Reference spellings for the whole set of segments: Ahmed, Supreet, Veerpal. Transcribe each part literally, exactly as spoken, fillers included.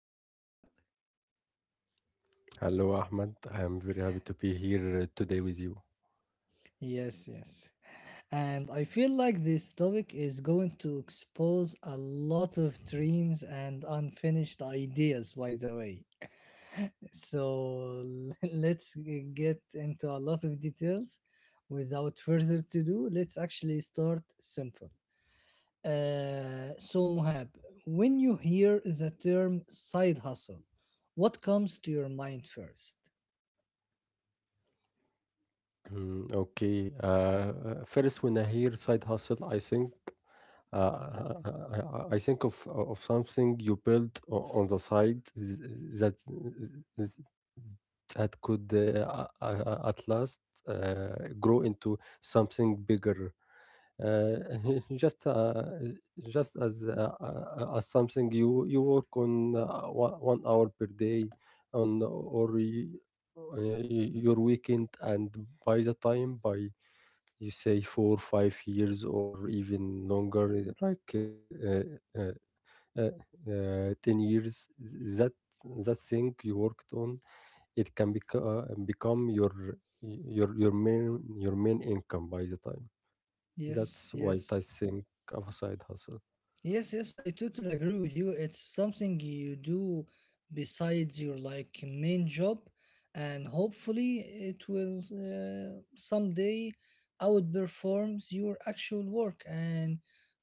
Hello, Mohab. Hello, Ahmed. I am very happy to be here uh, today with you. Yes, yes. And I feel like this topic is going to expose a lot of dreams and unfinished ideas, by the way. So let's get into a lot of details. Without further to do, let's actually start simple. Uh, so, Muhab, when you hear the term side hustle, what comes to your mind first? Mm, okay. Uh, uh, first, when I hear side hustle, I think uh, I, I I- I think of uh, of something you built o- on the side th- that that could uh, a- a- at last uh, grow into something bigger. Uh, just uh, Just as uh, uh, as something you you work on uh, one one hour per day and or y- uh, y- your weekend and by the time by you say four five years or even longer uh, like uh, uh, uh, uh, ten years that that thing you worked on it can beco- uh, become your your your main your main income by the time Yes, that's what yes. I think of a side hustle. Yes, yes, I totally agree with you. It's something you do besides your like main job, and hopefully it will uh, someday outperforms your actual work, and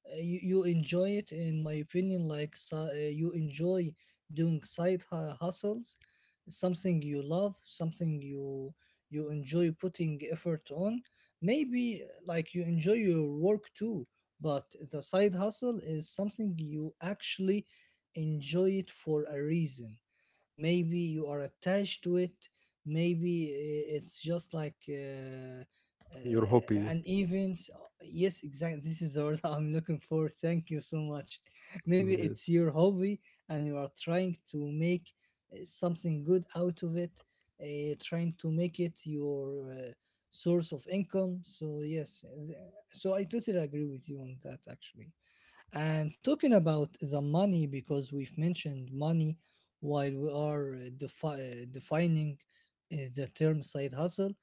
uh, you, you enjoy it. In my opinion, like so, uh, you enjoy doing side hu- hustles, something you love, something you you enjoy putting effort on. Maybe like you enjoy your work too, but the side hustle is something you actually enjoy it for a reason. Maybe you are attached to it, maybe uh, it's just like uh, Your uh, hobby. an event. Yes, exactly, this is the word I'm looking for. Thank you so much. Maybe it's Yes. your hobby, and you are trying to make uh, something good out of it, uh, trying to make it your uh, source of income. So yes, uh, so I totally agree with you on that actually. And talking about the money, because we've mentioned money while we are uh, defi- uh, defining uh, the term side hustle,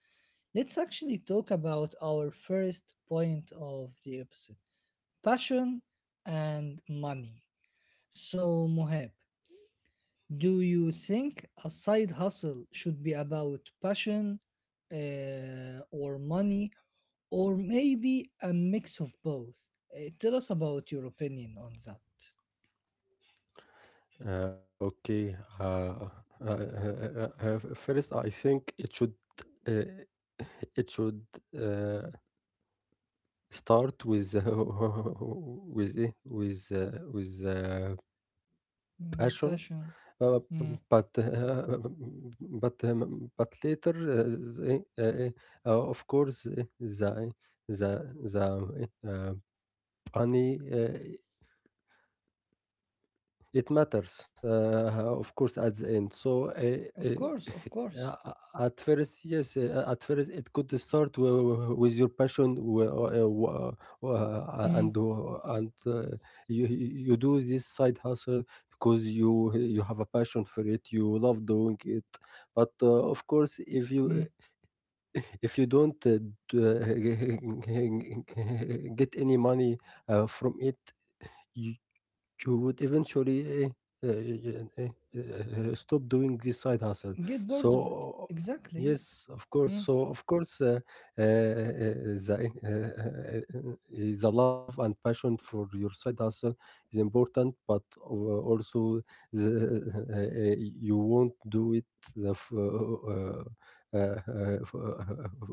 let's actually talk about our first point of the episode: passion and money. So, Mohab, do you think a side hustle should be about passion, uh, or money, or maybe a mix of both? Uh, tell us about your opinion on that. Uh, okay. Uh, uh, uh, uh, uh, uh, First, I think it should uh, it should uh, start with uh, with eh, with uh, with uh, Mm, passion. passion. Uh, b- Mm. but uh, but um, but later, uh, the, uh, uh, of course, eh, the the the eh, uh, money. It matters, uh, Of of course, course, at of the end. course. So, uh, uh, uh, at first, yes, uh, at first, it could start w- with your passion, w- uh, Mm. w- uh, and uh, and uh, you you do this side hustle because you you have a passion for it. You love doing it, but uh, of Mm. course, if you if you don't uh, d- get any money uh, from it. You would eventually eh, eh, eh, eh, eh, eh, eh, stop doing this side Get hustle. bored of it. So Exactly, yes. yes, of Mm. course. So of course, uh, uh, uh, the eh, eh, eh, eh, eh, the love and passion for your side hustle is important, but uh, also the, eh, eh, eh, you won't do it the f- uh, uh, uh, f- uh,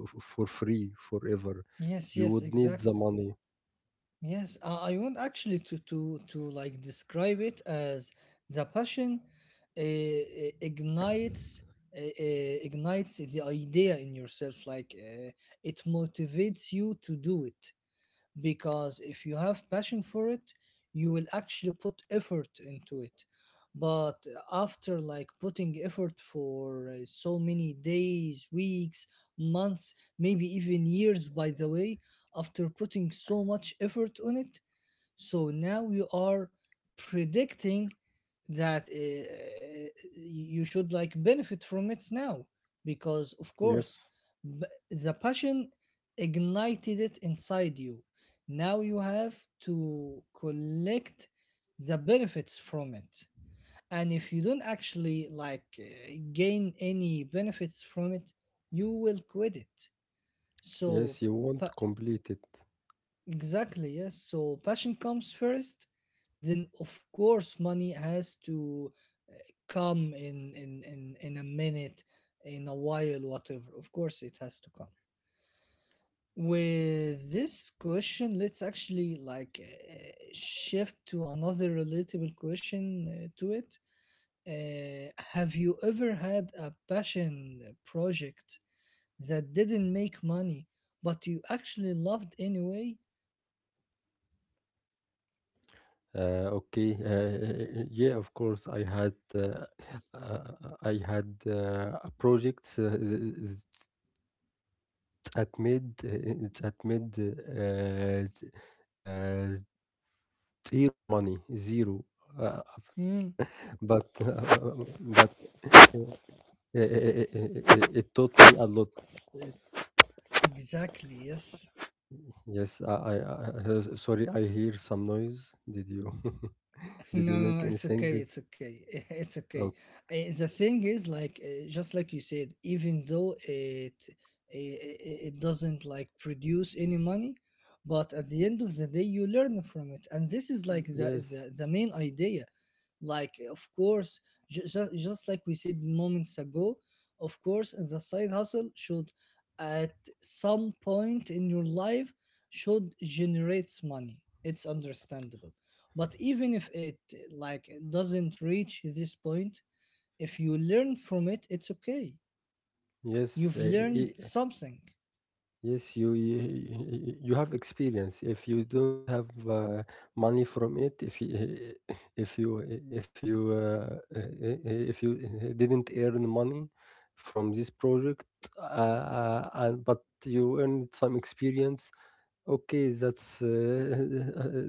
f- for free forever. Yes, You yes, would need exactly. the money. Yes, I, I want actually to, to, to, like describe it as the passion uh, uh, ignites uh, uh, ignites the idea in yourself, like uh, it motivates you to do it. Because if you have passion for it, you will actually put effort into it. But after like putting effort for uh, so many days, weeks, months, maybe even years, by the way, after putting so much effort on it, so now you are predicting that uh, you should like benefit from it now, because of course, Yes, b- the passion ignited it inside you. Now you have to collect the benefits from it. And if you don't actually like uh, gain any benefits from it, you will quit it. So yes, you pa- won't complete it. exactly, yes. So passion comes first, then of course money has to come in in in, in a minute, in a while, whatever. Of course it has to come. With this question, let's actually like uh, shift to another relatable question uh, to it. Uh, have you ever had a passion project that didn't make money, but you actually loved anyway? Uh, okay, uh, uh, yeah, of course. I had uh, uh, I had uh, a project uh, th- that made uh, that made uh, z- uh, zero money, zero. Uh, Hmm. but but uh, it, it taught me a lot. Exactly, yes. Yes, I, I, I uh, sorry. I hear some noise. Did you No, did you no, no, make it's anything? okay. It's okay. It's okay. Oh, Uh, the thing is, like, uh, just like you said, even though it, it it doesn't like produce any money, but at the end of the day, you learn from it, and this is like the yes. the, the main idea. Like, of course, just, just like we said moments ago, of course, the side hustle should, at some point in your life, should generates money. It's understandable, but even if it like doesn't reach this point, if you learn from it, it's okay. Yes, You've uh, i- learned something Yes, you you you have experience. If you don't have uh, money from it, if you if you if you uh, uh, if you didn't earn money from this project, uh, uh, and- but you earned some experience, okay, that's uh,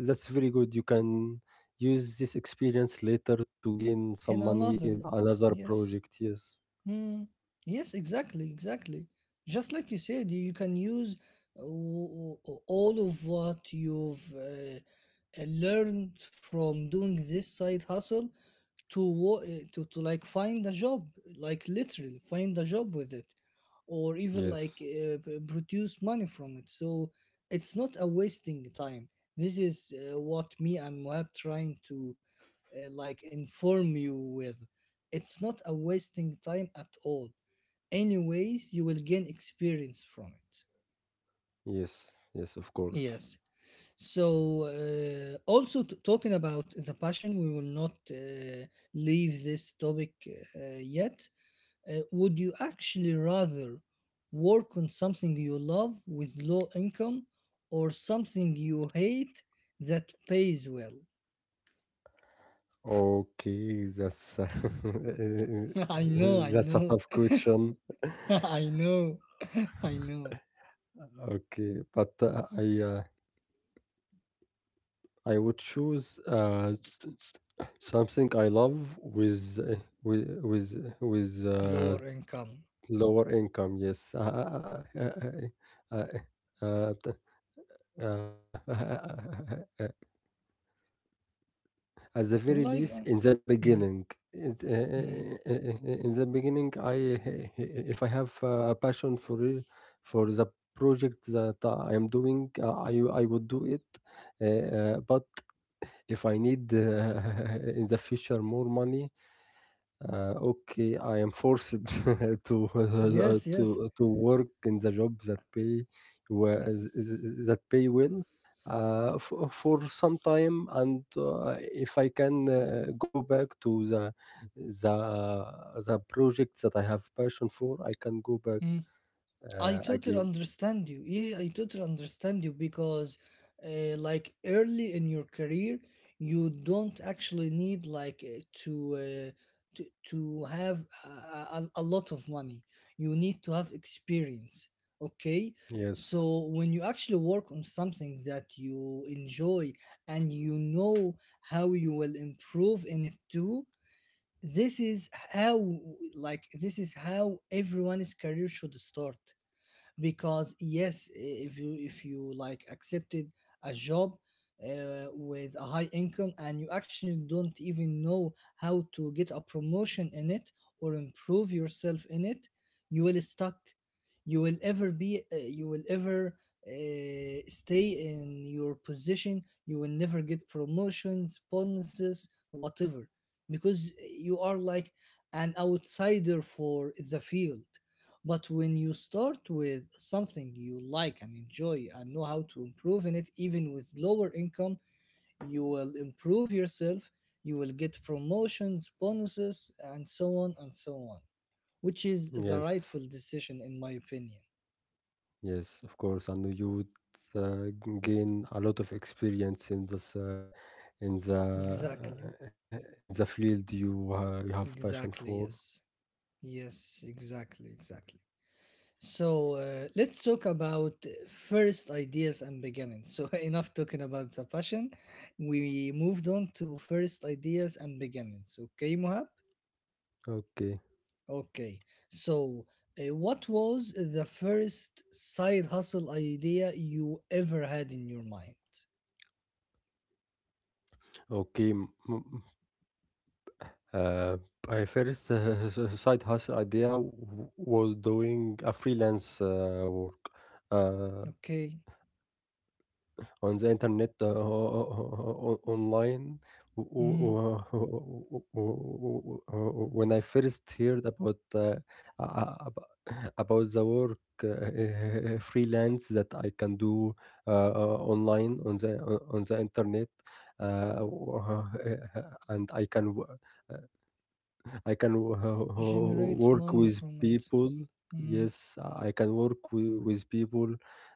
that's very good. You can use this experience later to gain some in money another. in another Yes. project. Yes, Hmm. Yes, exactly, exactly. Just like you said, you can use uh, all of what you've uh, learned from doing this side hustle to wo- uh, to to like find a job, like literally find a job with it, or even yes, like uh, p- produce money from it. So it's not a wasting time. This is uh, what me and Moab trying to uh, like inform you with. It's not a wasting time at all. Anyways, you will gain experience from it. yes, yes. Of course. Yes. So uh, also, t- talking about the passion, we will not uh, leave this topic uh, yet. Uh, would you actually rather work on something you love with low income or something you hate that pays well? Okay, that's a I know, I that's a know, tough question. I know, I know. Okay, but uh, I uh, I would choose uh, s- s- something I love with uh, with with with uh, Lower income. lower income. Yes, uh, uh, uh, uh, uh, uh, uh, at the very Like, least, uh, in the mm, beginning, it- uh, uh, mm. uh, uh, in the beginning, I if I have uh, a passion for it, for the project that I am doing, uh, I I would do it. Uh, uh, but if I need uh, in the future more money, uh, okay, I am forced to uh, Yes, to yes. to work in the job that pay wa- th- th- that pay well uh, for, for some time, and uh, if I can uh, go back to the the the project that I have passion for, I can go back Mm. uh, I again. totally understand you. Yeah, I totally understand you because, uh, like early in your career, you don't actually need like uh, to uh, to to have a, a, a lot of money. You need to have experience. Okay, Yes, so when you actually work on something that you enjoy and you know how you will improve in it too, this is how, like, this is how everyone's career should start. Because yes, if you if you like accepted a job uh, with a high income, and you actually don't even know how to get a promotion in it or improve yourself in it, you will stuck, you will ever be, uh, you will ever uh, stay in your position, you will never get promotions, bonuses, whatever, because you are like an outsider for the field. But when you start with something you like and enjoy and know how to improve in it, even with lower income, you will improve yourself, you will get promotions, bonuses, and so on and so on, which is the yes. rightful decision, in my opinion. Yes, of course, and you would uh, g- gain a lot of experience in this uh, in the Exactly, uh, in the field you uh, you have passion for. exactly, yes, yes, exactly, exactly. So uh, let's talk about first ideas and beginnings. So enough talking about the passion. We moved on to first ideas and beginnings. Okay, Mohab? Okay, Okay. So uh, what was the first side hustle idea you ever had in your mind? okay. m- m- Uh, my first uh, s- s- side hustle idea w- was doing a freelance uh, work. Uh, Okay. on the internet uh, o- online. W- Mm. w- w- w- w- When I first heard about uh, ab- about the work uh, freelance that I can do uh, uh, online on the uh, on the internet, uh, and I can. w- uh, I can wo- ho- ho- Generate work money with from it. people. Mm. Yes, I can work wi- with people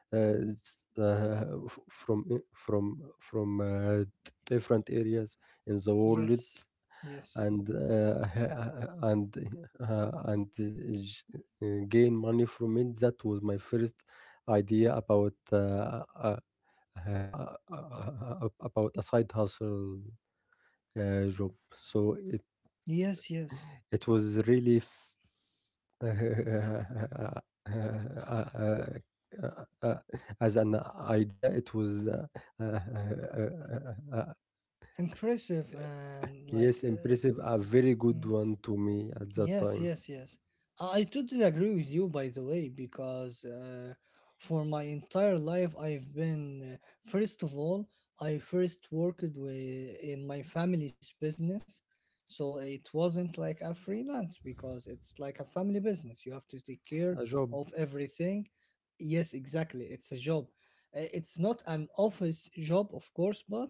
uh, s- uh, f- from i- from from uh, d- different areas in the world, Yes. Yes. and uh, and uh, and uh, j- uh, gain money from it. That was my first idea about uh, uh, uh, uh, uh, about a side hustle uh, job. So Yes, yes. it was really f- uh, uh, uh, as an idea, it was uh, uh, uh, uh, uh, Impressive and like, yes, impressive, a very uh, good one to me at that yes, time. yes, yes. I totally agree with you, by the way. Because uh, for my entire life, I've been, uh, first of all, I first worked with, in my family's business. So it wasn't like a freelance, because it's like a family business. You have to take It's care a job. of everything. Yes, exactly. It's a job. Uh, It's not an office job, of course, but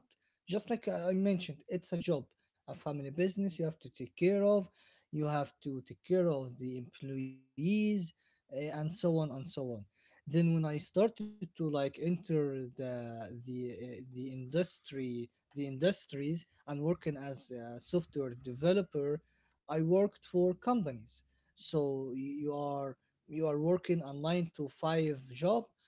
just like I I mentioned, it's a job, a family business. You have to take care of, you have to take care of the employees, eh, and so on and so on. Then when I started to like enter the the eh, the industry, the industries, and working as a software developer, I worked for companies. So you are you are working a nine to five job.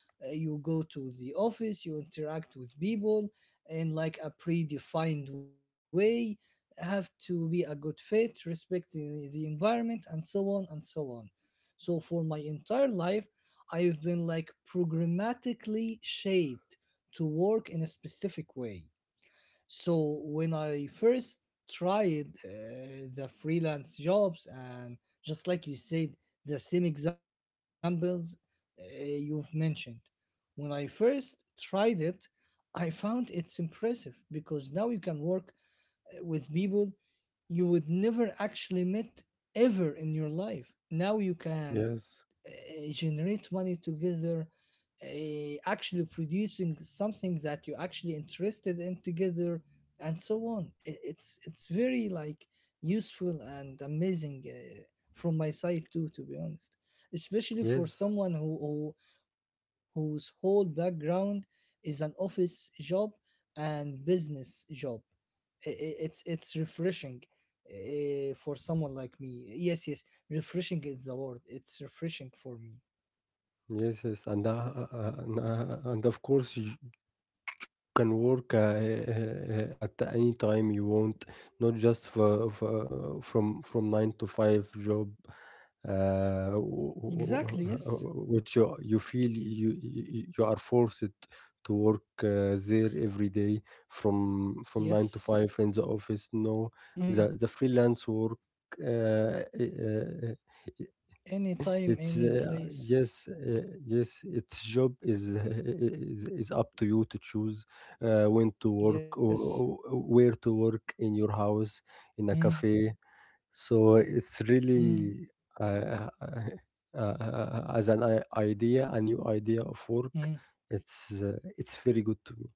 uh, You go to the office, you interact with people in like a predefined way, have to be a good fit, respect the the environment, and so on and so on. So for my entire life, I've been like programmatically shaped to work in a specific way. So when I first tried uh, the freelance jobs, and just like you said, the same examples uh, you've mentioned. When I first tried it, I found it's impressive, because now you can work uh, with people you would never actually met ever in your life. Now you can Yes. uh, generate money together, uh, actually producing something that you actually interested in together, and so on. I- It's it's very like useful and amazing, uh, from my side too, to be honest. Especially for Yes, someone who, who whose whole background is an office job and business job. I- I- it's it's refreshing uh, for someone like me. Yes, yes, refreshing is the word. It's refreshing for me. yes, yes, and uh, uh, uh, and, uh, and of course you can work uh, uh, uh, at any time you want, not just for, for, from from nine to five job, uh, Exactly, w- yes. w- w- which you, you feel you you you are forced to work uh, there every day from from Yes. nine to five in the office. No, Mm. the the freelance work. Uh, uh, uh, Anytime, any it's place. uh, yes, uh, yes. Its job is is is up to you to choose uh, when to Yes. work or, or where to work in your house, Mm. in a cafe. So it's Mm. really uh, uh, uh, as an i- idea, a new idea of Mm. work. It's uh, it's very good to me.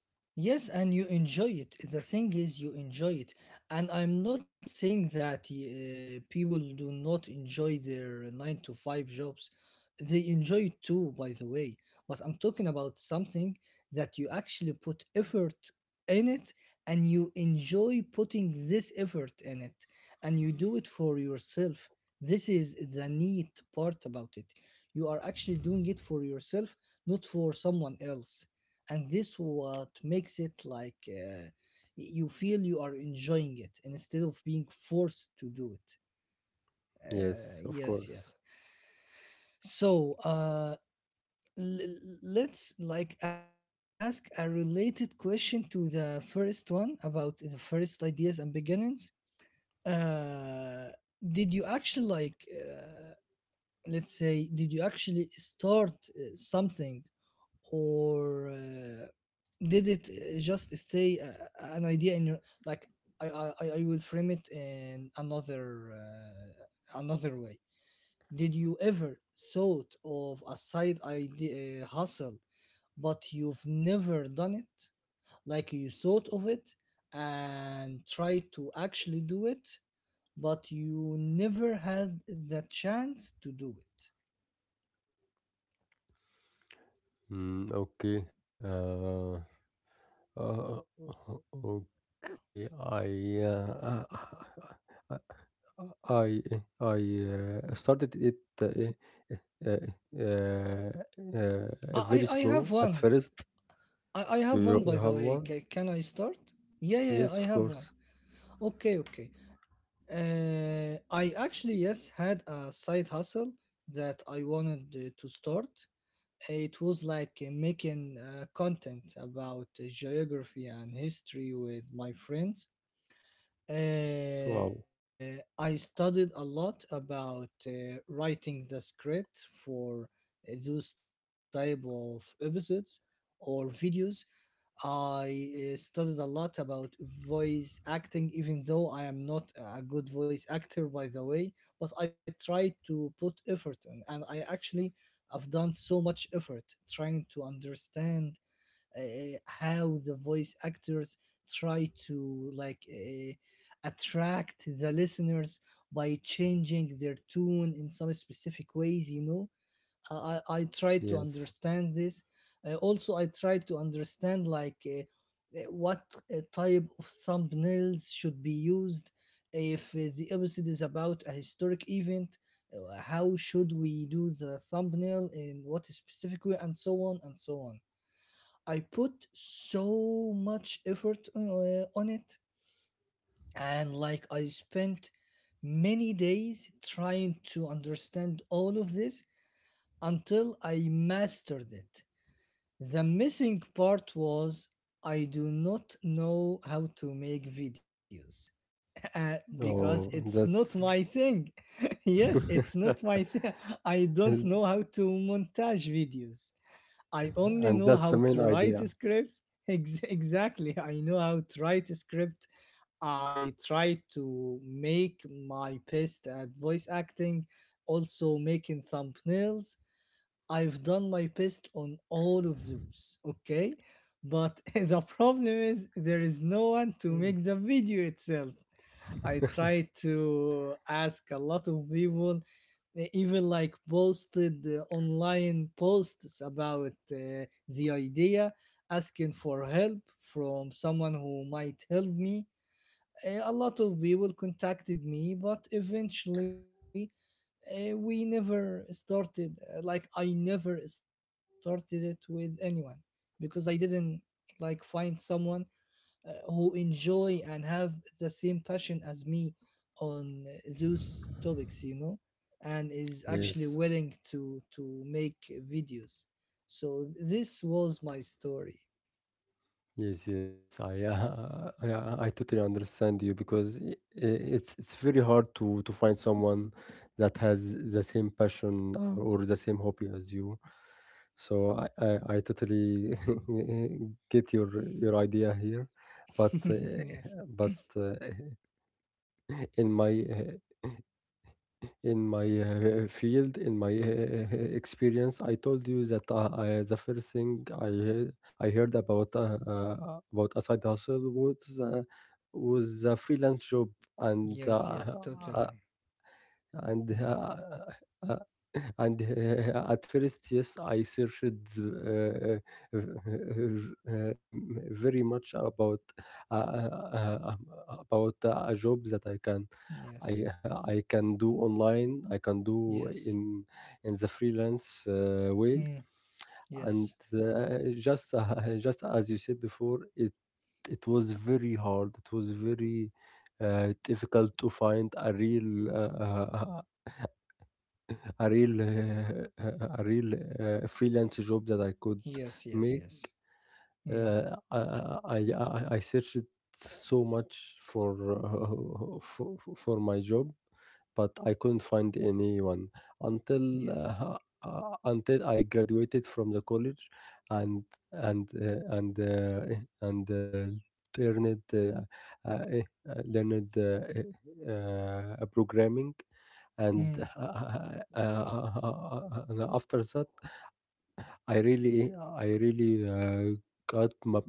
Yes, and you enjoy it. The thing is, you enjoy it. And I'm not saying that uh, people do not enjoy their nine to five jobs. They enjoy it too, by the way. But I'm talking about something that you actually put effort in it, and you enjoy putting this effort in it, and you do it for yourself. This is the neat part about it. You are actually doing it for yourself, not for someone else, and this what makes it like, uh, you feel you are enjoying it instead of being forced to do it. uh, Yes, of Yes, yes. course. So uh l- let's like ask a related question to the first one about the first ideas and beginnings. uh did you actually like, uh, let's say, did you actually start uh, something, or uh, did it uh, just stay uh, an idea in your, like, I I, I I will frame it in another uh, another way. Did you ever thought of a side idea, uh, hustle, but you've never done it? Like you thought of it and tried to actually do it, but you never had the chance to do it. Mm, okay. Uh, Uh, okay, I uh, uh, I I uh, started it uh, uh, uh, uh, very I I I slow have at one. first. I, I You, have one, you you by the have way. one? Ca can I start? Yeah, yeah, yeah, Yes, I of have one. course. Okay, okay. Uh, I actually, yes, had a side hustle that I wanted uh, to start. It was like uh, making uh, content about uh, geography and history with my friends. Uh, Wow. I studied a lot about uh, writing the script for uh, those type of episodes or videos I uh, studied a lot about voice acting, even though I am not a good voice actor, by the way. But I tried to put effort in, and I actually have done so much effort trying to understand uh, how the voice actors try to like uh, attract the listeners by changing their tune in some specific ways, you know I, I I try to Yes. understand this. Uh, also, I try to understand like uh, uh, what uh, type of thumbnails should be used if uh, the episode is about a historic event. uh, How should we do the thumbnail in what specific way, and so on and so on. I put so much effort uh, on it, and like I spent many days trying to understand all of this until I mastered it. The missing part was I do not know how to make videos uh, because it's Oh, not my that's thing. Yes, it's not my thing. I don't and know how to montage videos. I only know that's how the main to write idea. scripts. Ex- exactly. I know how to write a script. I try to make my best at voice acting, also making thumbnails. I've done my best on all of those, okay? But the problem is there is no one to make the video itself. I try to ask a lot of people, eh, even like posted uh, online posts about uh, the idea, asking for help from someone who might help me. Uh, a lot of people contacted me, but eventually uh, we never started. uh, like I never started it with anyone because I didn't like find someone uh, who enjoy and have the same passion as me on those topics you know and is actually Yes. willing to to make videos, so this was my story. Yes, yes, I, uh, I, I I totally understand you because i- i- it's it's very hard to to find someone that has the same passion or, or the same hobby as you. So I I, I totally get your your idea here, but uh, Yes, but uh, in my in my uh, field, in my uh, experience, I told you that uh, I, the first thing I heard, I heard about uh, uh, about a side hustle was uh, was a freelance job, and yes, yes, uh, totally. and uh, Mm, uh, uh, and uh, at first, yes, I searched uh, uh, very much about uh, uh, um, about uh, a job that I can yes, I I can do online. I can do yes. in in the freelance uh, way. Mm, And yes, uh, just uh, just as you said before, it it was very hard. It was very uh, difficult to find a real uh, uh, a real uh, a real uh, freelance job that I could yes, yes, make. yes. Mm, Uh, I, I I I searched so much for, uh, for for my job, but I couldn't find anyone until yes. uh, uh, until I graduated from the college and and uh, and uh, and uh, learned uh, uh, eh, uh, learned uh, eh, uh, programming and Mm, uh, uh, uh, and after that I really I really uh, got my-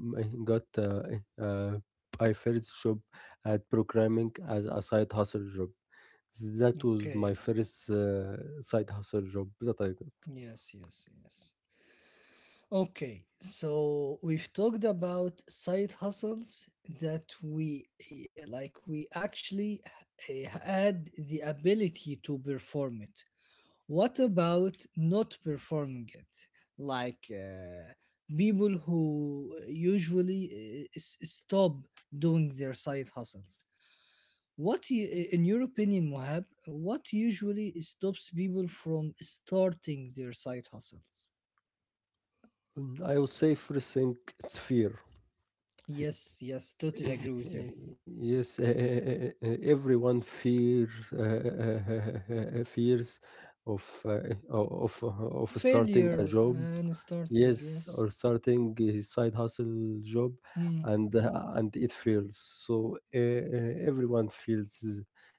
got uh, uh, my first job at programming as a side hustle job. That was my okay, first uh, side hustle job that I yes, yes, yes. Okay, so we've talked about side hustles that we eh, like we actually eh, had the ability to perform it. What about not performing it? Like uh, people who usually eh, s- stop doing their side hustles. What, you, eh, in your opinion, Mohab, what usually stops people from starting their side hustles? got. I would say first thing, it's fear. Yes, yes, totally agree with you. Yes, uh, uh, uh, uh, everyone fear uh, uh, uh, uh, fears of uh, of of starting a Failure job, and starting, yes, or yes. starting his side hustle job, Mm. and uh, and it fails. So uh, uh, everyone feels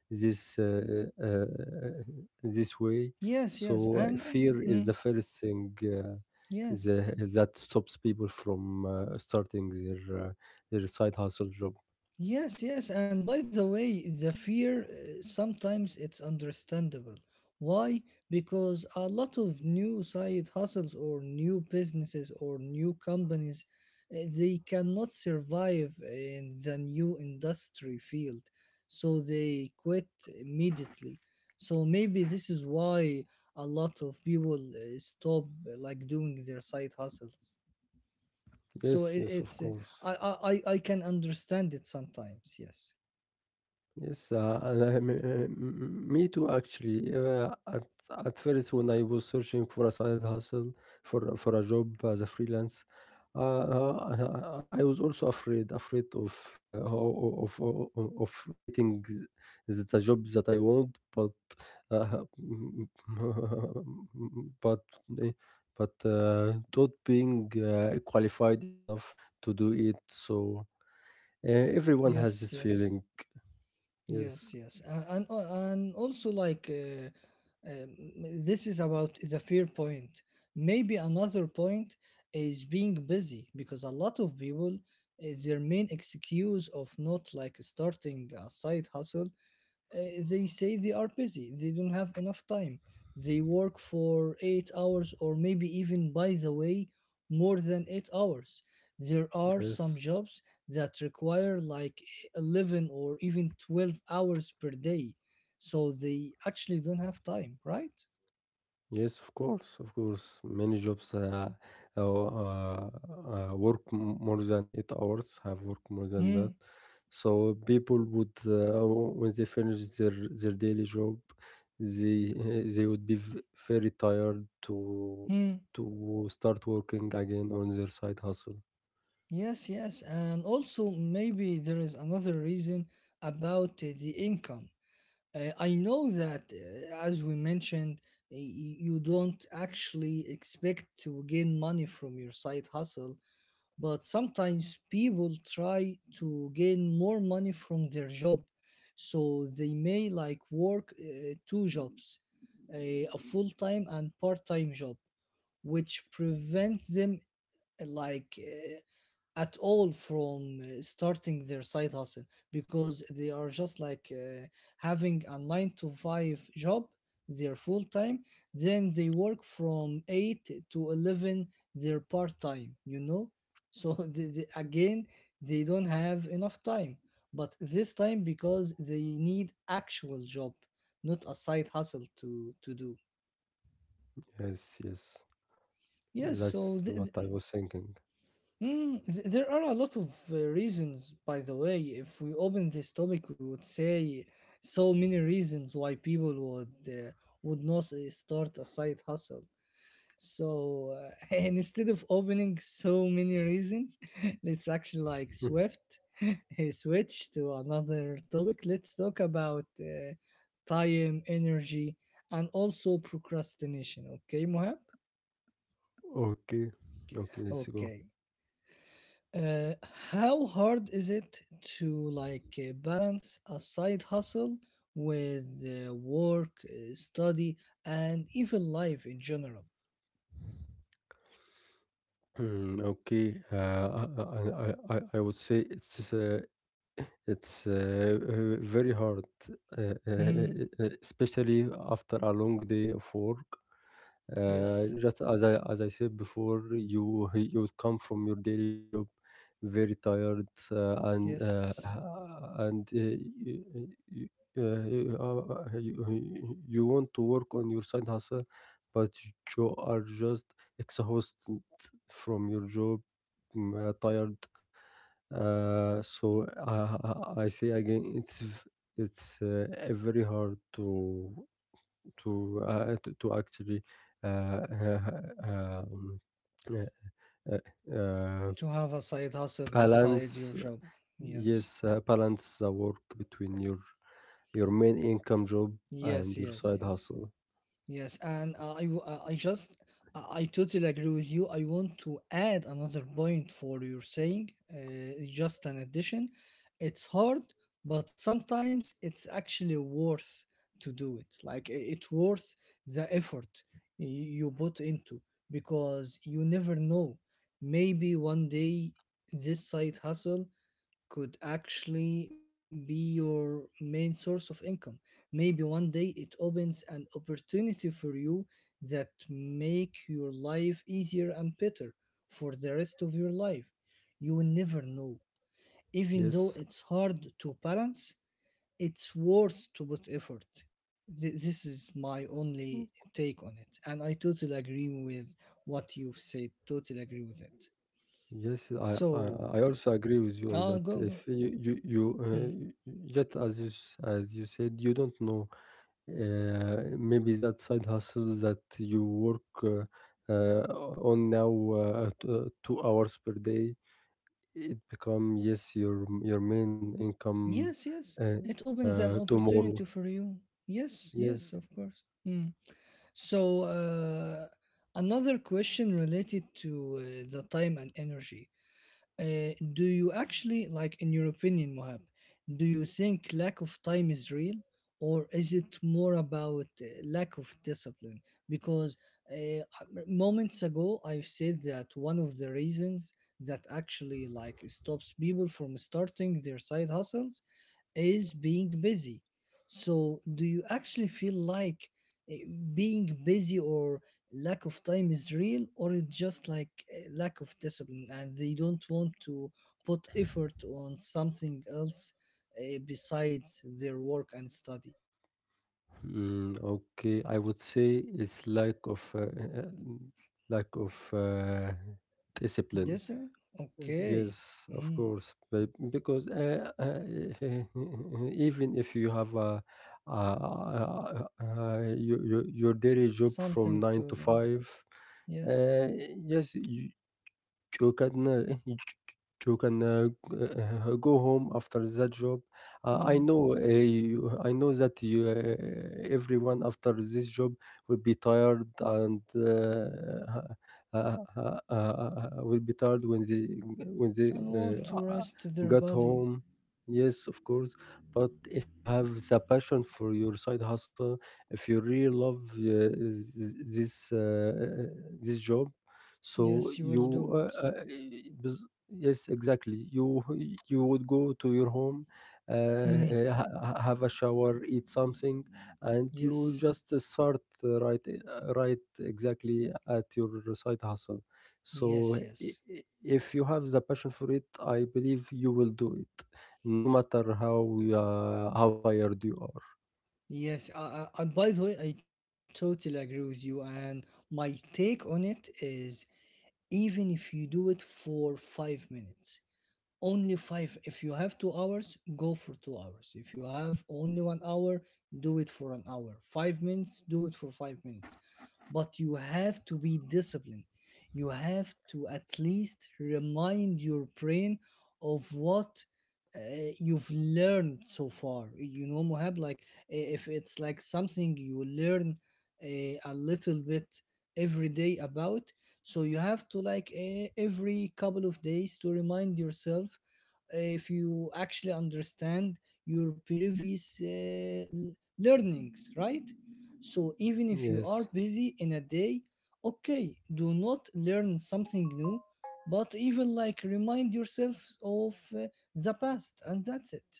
this uh, uh, this way. Yes, yes, So uh, and fear mm, is the mm, first thing uh, yes. the, that stops people from uh, starting their. Uh, your side hustle job. Yes, yes, and by the way, the fear uh, sometimes it's understandable. Why? Because a lot of new side hustles or new businesses or new companies uh, they cannot survive in the new industry field, so they quit immediately. So maybe this is why a lot of people uh, stop uh, like doing their side hustles. So Yes, it, yes, of it's uh, course. I, I I I can understand it sometimes. Yes. Yes, uh, and I, me uh, m- me too actually. Uh, at at first, when I was searching for a side hustle for for a job as a freelance, uh, uh, I I was also afraid afraid of uh, ho- of of of getting th- the job that I want, but uh, but eh, but uh, not being uh, qualified enough to do it. So Uh, everyone has Yes, this yes, feeling. Yes, yes, yes, uh, and uh, and also like uh, um, this is about the fear point. Maybe another point is being busy, because a lot of people uh, their main excuse of not like starting a side hustle uh, they say they are busy, they don't have enough time, they work for eight hours, or maybe, even by the way, more than eight hours. There are some yes, jobs that require like eleven or even twelve hours per day, so they actually don't have time, right? yes. Of course, of course. Many jobs uh, uh, uh, uh, work m- more than eight hours. Have worked more than Hmm. that. So people would, uh, when they finish their their daily job, they uh, they would be v- very tired to Hmm. to start working again on their side hustle. Yes, yes. And also, maybe there is another reason about uh, the income. Uh, I know that, uh, as we mentioned, y- y- you don't actually expect to gain money from your side hustle, but sometimes people try to gain more money from their job. So they may like work uh, two jobs, a, a full-time and part-time job, which prevent them uh, like uh, at all from uh, starting their side hustle, because they are just like uh, having a nine to five job, their full time, then they work from eight to eleven, their part time you know So they, they, again, they don't have enough time, but this time because they need actual job, not a side hustle, to to do. Yes, yes. Yes, so That's th- what I was thinking. Mm, th- there are a lot of uh, reasons, by the way. If we open this topic, we would say so many reasons why people would uh, would not uh, start a side hustle. So uh, and instead of opening so many reasons, let's actually like swift uh, switch to another topic. Let's talk about uh, time, energy, and also procrastination. Okay, Mohab? Okay, okay. Let's go. Okay. Uh, how hard is it to like uh, balance a side hustle with uh, work, uh, study, and even life in general? Hmm, okay. Uh, I, I, I, I I would say it's uh, it's uh, uh, very hard, uh, uh, Mm. uh, especially after a long day of work. Uh, Yes, Just as I as I said before, you you would come from your daily job very tired, uh, and uh, yes. and uh, you, uh, uh, uh, you, you want to work on your side hustle, but you are just exhausted from your job m- tired. Uh, so uh, I say again, it's v- it's uh, uh, very hard to to uh, to, to actually uh, uh, um, uh, uh, uh, To have a side hustle balance, beside your job. yes, Yes, uh, balance the work between your your main income job and yes, your side yes, yes. hustle. Yes, and uh, I, w- uh, I just, I I totally agree with you. I want to add another point for your saying, uh, it's just an addition. It's hard, but sometimes it's actually worth to do it. Like i- it worth the effort y- you put into, because you never know. Maybe one day this side hustle could actually be your main source of income. Maybe one day it opens an opportunity for you that make your life easier and better for the rest of your life. You will never know. Even though Yes. it's hard to balance, it's worth to put effort. Th- this is my only take on it, and I totally agree with what you've said. Totally agree with it. Yes, I, I I So, also agree with you on uh, that. go If go. you you, you uh, Hmm. y- just as you s- as you said, you don't know, uh, maybe that side hustle that you work uh, uh, on now, uh, t- uh, two hours per day, it become, yes, your your main income, Yes, yes. uh, It opens uh, an tomorrow. opportunity for you. Yes, Yes. yes, of course. Mm. So, uh, another question related to uh, the time and energy. Uh, do you actually, like, in your opinion, Mohab, do you think lack of time is real, or is it more about uh, lack of discipline? Because uh, moments ago, I said that one of the reasons that actually like stops people from starting their side hustles is being busy. So, do you actually feel like uh, being busy or lack of time is real, or it's just like uh, lack of discipline and they don't want to put effort on something else uh, besides their work and study? Mm, okay, I would say it's lack of uh, uh, lack of uh, discipline. This, uh, okay. Yes, of Mm, course, but because uh, uh, even if you have a, a, a, a, your, your your daily job from something nine to to do, five, yes, uh, yes, you, you can uh, you can uh, g- go home after that job. uh, I mm. know, uh, you, I know that you uh, everyone after this job will be tired, and uh, uh, uh, uh, uh, will be tired when they when they And want uh, to uh, rest their got body. home. Yes, of course, but if you have the passion for your side hustle, if you really love, uh, th- this uh, this job, so Yes, you will you, do uh, it. uh, bes- yes, exactly. You you would go to your home, uh, Mm. uh, ha- ha- have a shower, eat something, and you Yes, just start, uh, right uh, right exactly at your side hustle. So yes, i- i- yes. if you have the passion for it, I believe you will do it, no matter how uh, how tired you are. Yes, I, I, by the way, I totally agree with you. And my take on it is, even if you do it for five minutes, only five. If you have two hours, go for two hours. If you have only one hour, do it for an hour. Five minutes, do it for five minutes, but you have to be disciplined. You have to at least remind your brain of what uh, you've learned so far. You know, Mohab, like i- if it's like something you learn uh, a little bit every day about, so you have to like uh, every couple of days to remind yourself eh, if you actually understand your previous uh, l- learnings, right? So even if you Yes, are busy in a day, okay, do not learn something new, but even like remind yourself of uh, the past, and that's it.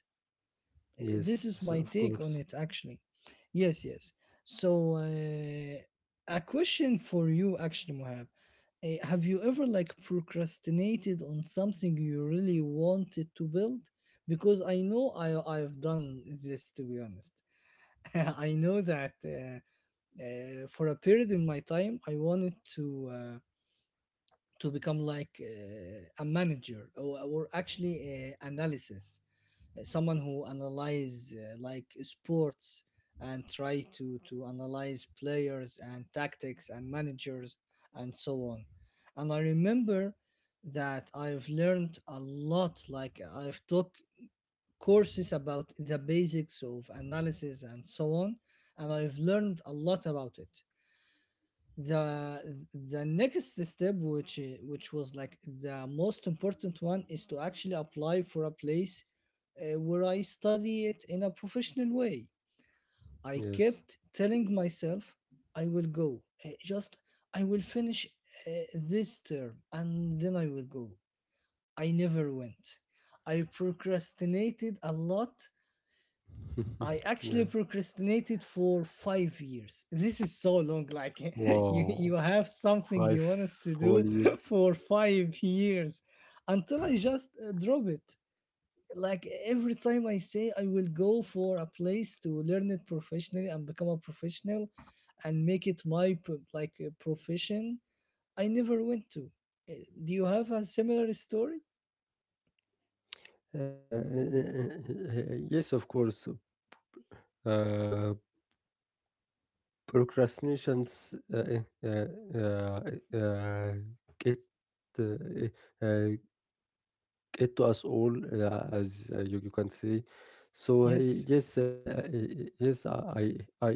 Uh, This yes, is yes, my of take on course, it, actually. Yes, yes. So uh, a question for you, actually, Mohab. Uh, have you ever like procrastinated on something you really wanted to build? Because I know I I've done this, to be honest. I know that. Uh, uh, for a period in my time, I wanted to uh, to become like uh, a manager, or, or actually uh, analysis, uh, someone who analyze uh, like sports, and try to to analyze players and tactics and managers and so on. And I remember that I've learned a lot. Like I've took courses about the basics of analysis and so on, and I've learned a lot about it. The the next step, which i- which was like the most important one, is to actually apply for a place uh, where I study it in a professional way. I yes, kept telling myself I will go, uh, just I will finish uh, this term, and then I will go. I never went. I procrastinated a lot. I actually yes. procrastinated for five years. This is so long. Like you, Wow, you have something five you wanted to do whole years. for five years until I just uh, drop it. Like every time I say I will go for a place to learn it professionally and become a professional and make it my p- like uh, profession, I never went to. Uh, Do you have a similar story? Uh, yes, of course. Uh, Procrastinations uh, uh, uh, uh, get uh, uh, it to us all, uh, as uh, you, you can see. So, uh, Yes. yes, uh, uh, uh, yes, I, I,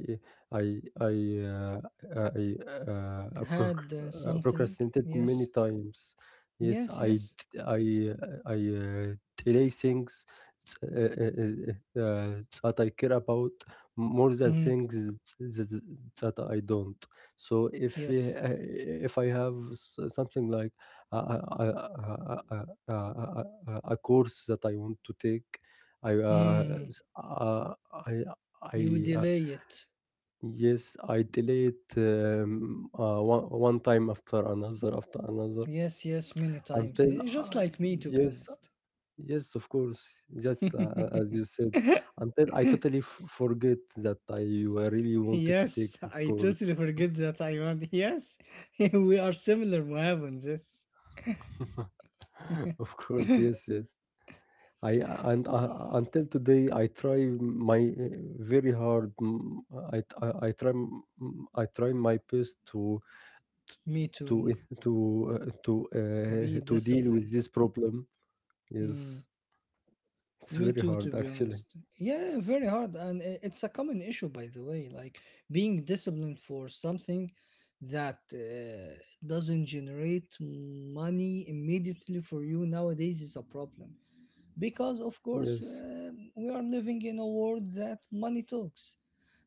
I, I, uh, I uh, proc- Had uh, uh, something? procrastinated many Yes. times. Yes, Yes, I, yes. d- I, I uh, delay things uh, uh, uh, uh, uh, that I care about more than Mm, things that, that that I don't. So if yes. uh, if I have s- something like I, I, uh, a, a a- a course that I want to take. I uh, Mm, s- uh, I you I delay uh, it. Yes, I delay it, um, uh, one, one time after another after another, Yes, yes, many times. until Yeah, just I, like me, to be yes, honest. yes, of course, just uh, as you said, until I totally f- forget that I really wanted to take Yes, this I course. totally forget that I want. Yes, we are similar, Muhammad, on this. Of course, yes, yes. I and uh, Until today, I try my uh, very hard. Mm, I, I I try, mm, I try my best to Me to too. to uh, to Be uh, to deal with disciplined. this problem. Mm. Yes, it's Me very too, to hard be actually. honest. Yeah, very hard. And i- it's a common issue, by the way, like being disciplined for something that uh, doesn't generate money immediately for you nowadays is a problem, because of course Yes. uh, we are living in a world that money talks.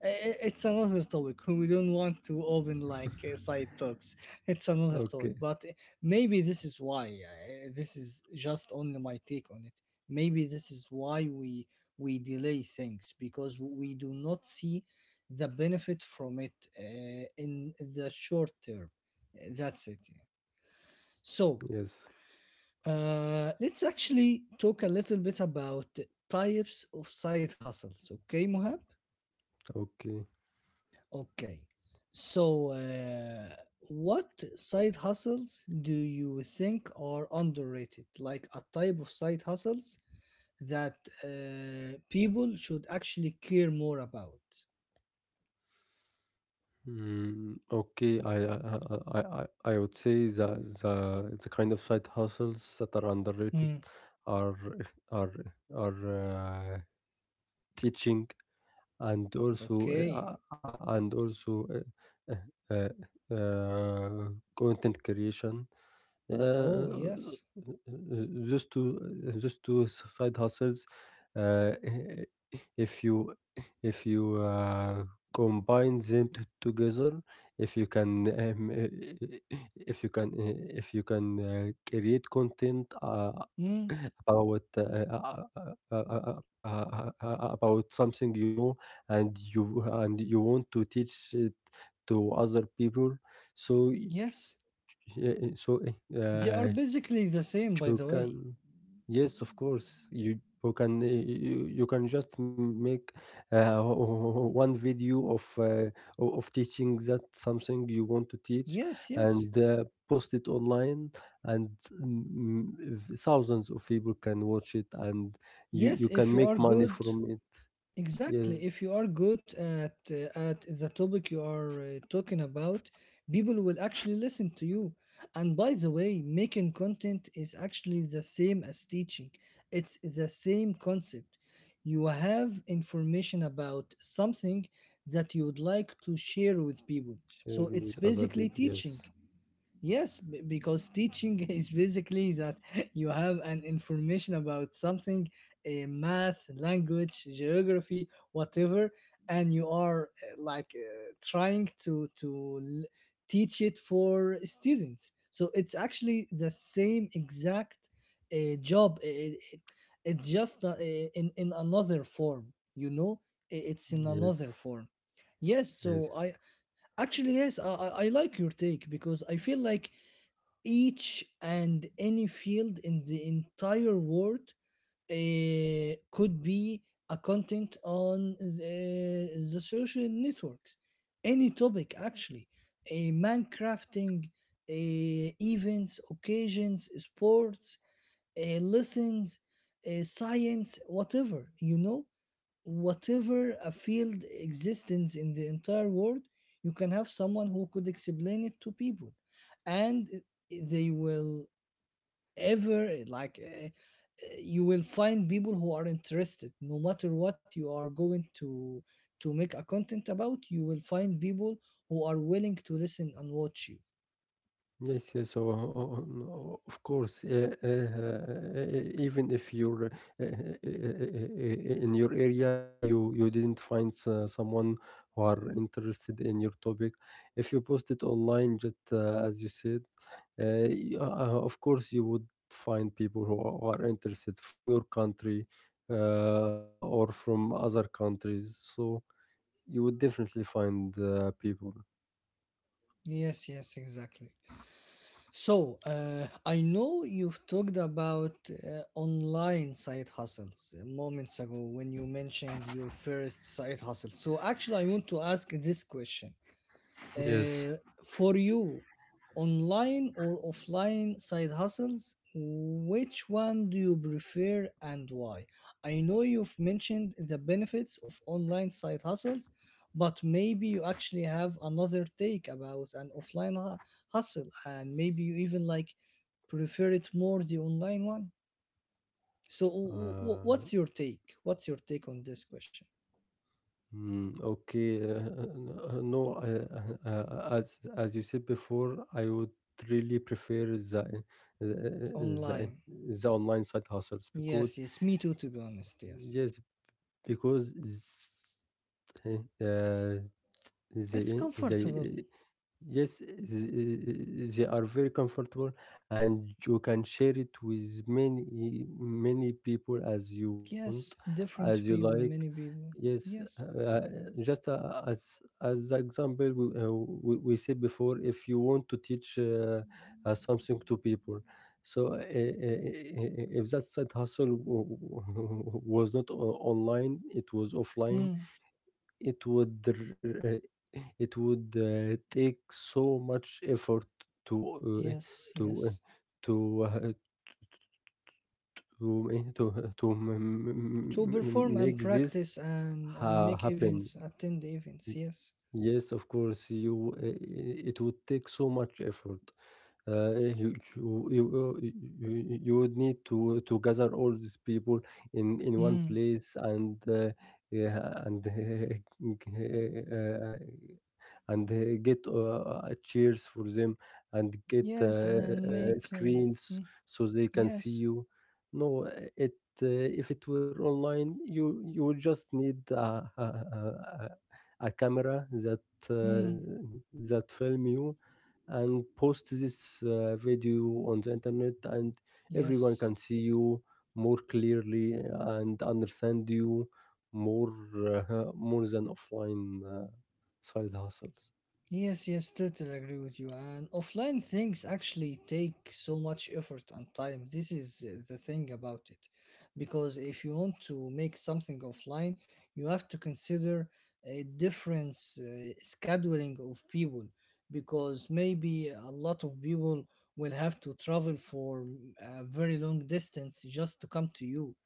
I- I- It's another topic we don't want to open, like uh, side talks. It's another topic, Okay. but uh, maybe this is why, uh, this is just only my take on it. Maybe this is why we we delay things, because we do not see the benefit from it uh, in the short term. Uh, that's it. So, Yes. uh, let's actually talk a little bit about types of side hustles. Okay, Mohab? Okay. Okay. So, uh, what side hustles do you think are underrated? Like a type of side hustles that uh, people should actually care more about? Mm, okay. I I, I I I would say the the the kind of side hustles that are underrated Hmm. are are are uh, teaching, and also Okay. uh, uh, and also uh, uh, uh, uh, content creation. Oh, uh, yes. just to just to side hustles, uh, if you if you uh, combine them t- together, if you can, um, if you can if you can uh, create content, uh, Hmm. about uh, uh, uh, uh, uh, uh, uh, uh, uh, uh, about something you know, and you and you want to teach it to other people, so y- Yes. uh, so eh, They uh, are basically the same, by you the way. can. Yes, of course. You you can uh, you, you can just m- make, uh, one video of, uh, o- of teaching that something you want to teach, Yes, and yes. uh, post it online, and mm, v- thousands of people can watch it, and you you Yes, can if you make are money good. from it. Exactly. Yes, If you are good at uh, at the topic you are uh, talking about, people will actually listen to you. And by the way, making content is actually the same as teaching. It's the same concept. You have information about something that you would like to share with people. share So with it's other people. basically Yes, teaching. Yes, b- because teaching is basically that you have an information about something, eh, math, language, geography, whatever, and you are, eh, like, uh, trying to to l- teach it for students. So it's actually the same exact uh, job. It, it, it's just, uh, eh, in in another form, you know. I- It's in another yes, form. Yes, yes. so I, actually, yes, I I I like your take, because I feel like each and any field in the entire world uh, could be a content on the, the social networks, any topic, actually, a man, crafting, uh, events, occasions, sports, uh, lessons, uh, science, whatever, you know whatever a field existence in the entire world. You can have someone who could explain it to people, and they will ever, like, uh, you will find people who are interested, no matter what you are going to to make a content about. You will find people who are willing to listen and watch you. Yes, yes. So, o- o- of course, uh, uh, uh, even if you're uh, uh, uh, in your area, you you didn't find, uh, someone who are interested in your topic. If you post it online, just uh, as you said, eh, uh, y- uh, of course you would find people who are who are interested from your country, uh, or from other countries. So you would definitely find, uh, people. Yes, yes, exactly. So, uh, I know you've talked about uh, online side hustles uh, moments ago when you mentioned your first side hustle. So, actually, I want to ask this question, Yes. uh, for you, online or offline side hustles, which one do you prefer and why? I know you've mentioned the benefits of online side hustles, but maybe you actually have another take about an offline hu- hustle, and maybe you even, like, prefer it more the online one. So, w- w- Uh, what's your take? What's your take on this question? Mm, okay. Uh, uh, uh, no, uh, uh, uh, as as you said before, I would really prefer the the the, Online. the online side hustles Yes, because, yes, me too, to be honest. Yes, yes, because, s- uh, they it's comfortable. they yes, th- they are very comfortable, and you can share it with many many people as you want, Yes, as you different people, like. many people. Yes, Yes. uh, just uh, as as the example we, uh, we, we said before, if you want to teach uh, uh, something to people, so uh, uh, uh, if that side hustle w- w- was not o- online, it was offline, Hmm. it would r- uh, it would uh, take so much effort to uh, Yes, to uh, yes. to uh, to uh, to uh, to m- m- To m- m- perform make and this practice, and and ha- make happen. events, attend the Y- events. Yes. Yes, of course, you uh, it would take so much effort. Uh, you, you, you, uh, you you would need to to gather all these people in in one Hmm. place, and uh, yeah, and uh, and uh, get, uh, chairs for them, and get uh, Yes, and uh, make. Uh, screens Mm, so they can see yes. you. No, it uh, if it were online, you you would just need, uh, uh, uh, a camera that, uh, Hmm. that film you, and post this, uh, video on the internet, and everyone can Yes. see you more clearly and understand you more uh, more than offline, uh, side hustles. Yes, yes, totally agree with you. And offline things actually take so much effort and time. This is uh, the thing about it. Because if you want to make something offline, you have to consider a difference uh, scheduling of people. Because maybe a lot of people will have to travel for a very long distance just to come to you.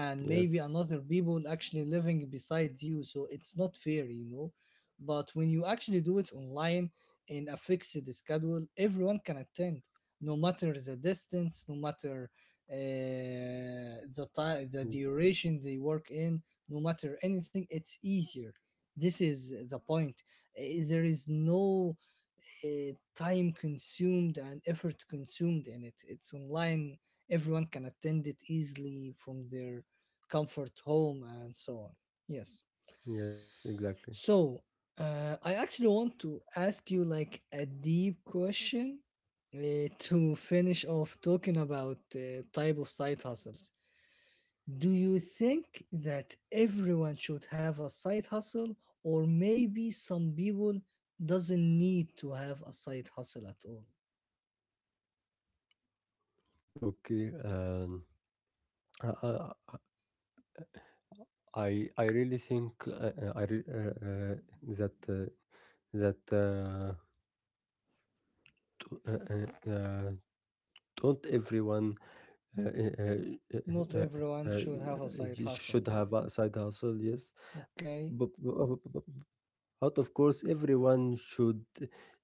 And maybe Yes. another people actually living beside you. So it's not fair, you know But when you actually do it online in a fixed schedule, everyone can attend, no matter the distance, no matter uh, the time, the Mm, duration they work in, no matter anything. It's easier. This is the point. Eh, There is no uh, time consumed and effort consumed in it. It's online. Everyone can attend it easily from their comfort home and so on. Yes. yes, exactly. So, uh, I actually want to ask you, like, a deep question uh, to finish off talking about uh, type of side hustles. Do you think that everyone should have a side hustle, or maybe some people doesn't need to have a side hustle at all? Okay, um, I, I I I really think, uh, uh, I re- uh, uh, that uh, that uh, t- uh, uh, uh, don't everyone, Uh, uh, uh, Not uh, everyone uh, should have a side you should hustle. have a side hustle, yes. Okay. But, but, out of course, everyone should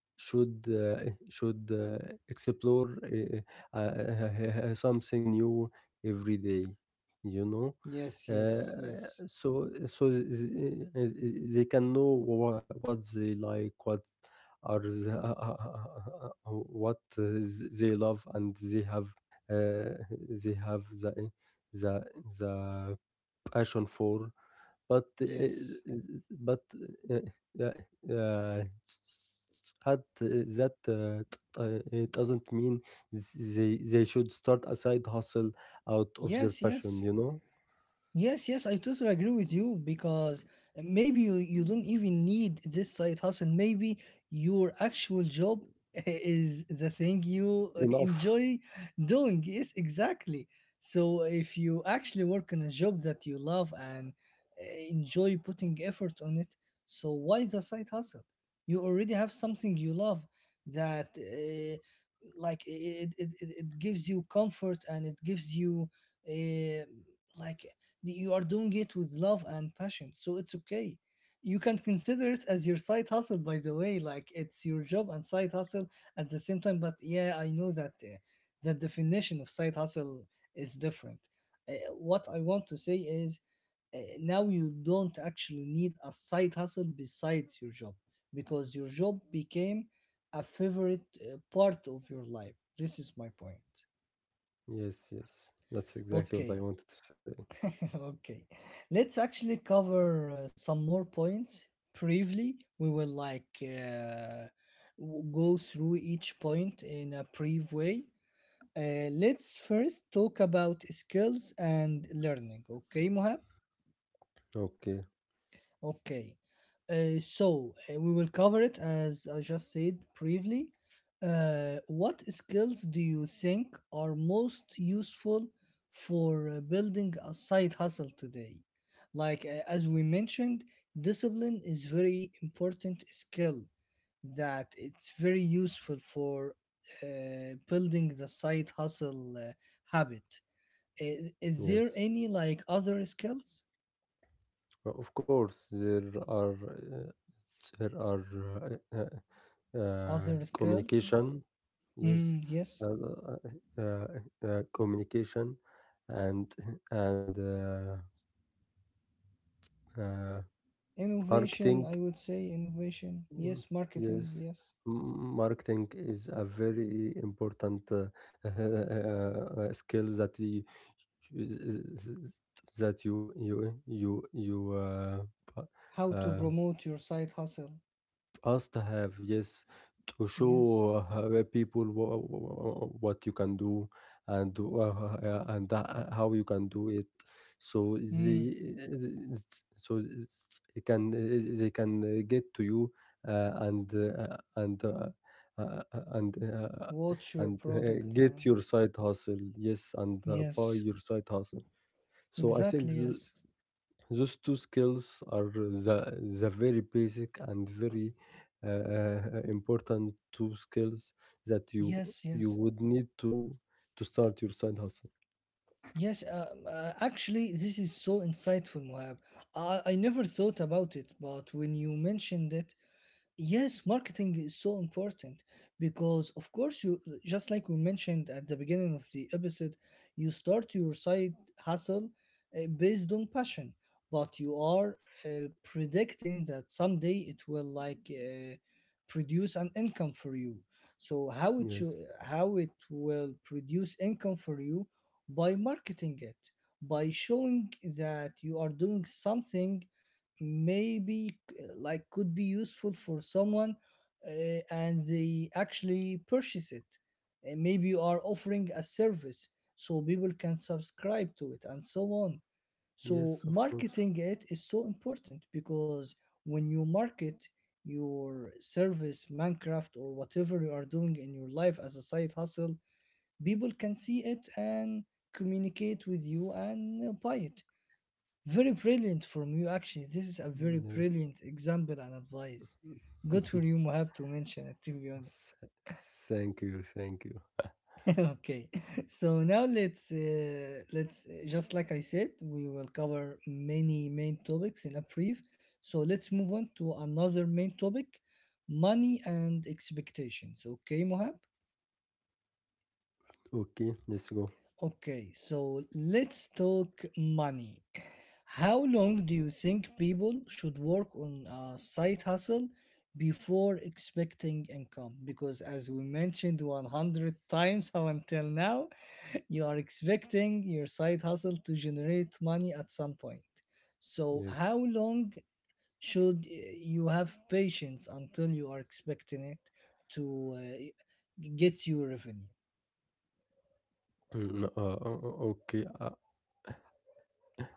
should uh, should uh, explore, uh, uh, something new every day. You know, Yes. uh, Yes. Yes. so so th- th- they can know, wha- what they like, what are the, what uh, th- they love, and they have uh, they have the the the passion for, but, eee, Yes. but, uh, yeah, yeah, had that, uh, uh, it doesn't mean they they should start a side hustle out of their Yes. passion, Yes. you know? Yes, yes, I totally agree with you, because maybe you, you don't even need this side hustle. Maybe your actual job is the thing you Enough. enjoy doing. Yes, exactly. So if you actually work in a job that you love and, eh, enjoy putting effort on it, so why the side hustle? You already have something you love that, uh, like, it, it, it, it gives you comfort, and it gives you, uh, like, you are doing it with love and passion, so it's okay. You can consider it as your side hustle, by the way. Like, it's your job and side hustle at the same time. But yeah, I know that uh, the definition of side hustle is different, uh, what I want to say is, uh, now you don't actually need a side hustle besides your job, because your job became a favorite uh, part of your life. This is my point. Yes, yes. That's exactly what I Okay. wanted to say. Okay, let's actually cover uh, some more points briefly. We will, like, uh, w- go through each point in a brief way. Uh, let's first talk about skills and learning. Okay, Mohab? Okay. Okay, uh, so uh, we will cover it as I just said, briefly. Uh, what skills do you think are most useful for uh, building a side hustle today? Like, uh, as we mentioned, discipline is very important skill that it's very useful for uh, building the side hustle uh, habit. I- Is there Yes. any, like, other skills? O of course, there are, uh, there are, uh Uh, Other skills? communication, yes, Mm, yes. uh, uh, uh, uh, uh, communication, and and uh, uh, Innovation, marketing. I would say innovation. Mm, Yes, marketing. yes, Yes. m- marketing is a very important, uh, uh, skill that you that you you you you uh, How to uh, promote your side hustle. us to have, yes, to Yes. show, uh, people, wha- wha- what you can do, and uh, uh, uh, and uh, how you can do it, so the, Mm. so they can they can get to you, uh, and uh, and uh, uh, uh, and uh, What's your and uh, product? Uh, get your side hustle, yes, and uh, buy Yes. your side hustle. So I Exactly. think Yes. those two skills are the, the very basic and very uh, uh, uh, important two skills that you Yes. Yes. you would need to to start your side hustle. Yes. Uh, uh, actually, this is so insightful, Moab. I, I never thought about it, but when you mentioned it, yes, marketing is so important, because, of course, you, just like we mentioned at the beginning of the episode, you start your side hustle uh, based on passion, but you are uh, predicting that someday it will, like, uh, produce an income for you. So how it should, Yes, how it will produce income for you, by marketing it, by showing that you are doing something maybe c- like could be useful for someone, uh, and they actually purchase it. Uh, maybe you are offering a service, so people can subscribe to it and so on. So yes, of course, marketing it is so important, because when you market your service, minecraft, or whatever you are doing in your life as a side hustle, people can see it and communicate with you, and uh, buy it. Very brilliant from you, actually. This is a very yes. brilliant example and advice. Good for you, Mohab, to mention it. To be honest. Th- Thank you, thank you. Okay, so now let's uh, let's uh, just like I said, we will cover many main topics in a brief. So let's move on to another main topic, money and expectations. Okay, Mohab. Okay, let's go. Okay, so let's talk money. How long do you think people should work on a side hustle before expecting income? Because as we mentioned one hundred times up until now, you are expecting your side hustle to generate money at some point. So Yes. how long should, uh, you have patience until you are expecting it to uh, get you revenue? Mm, uh, uh, uh, okay, uh,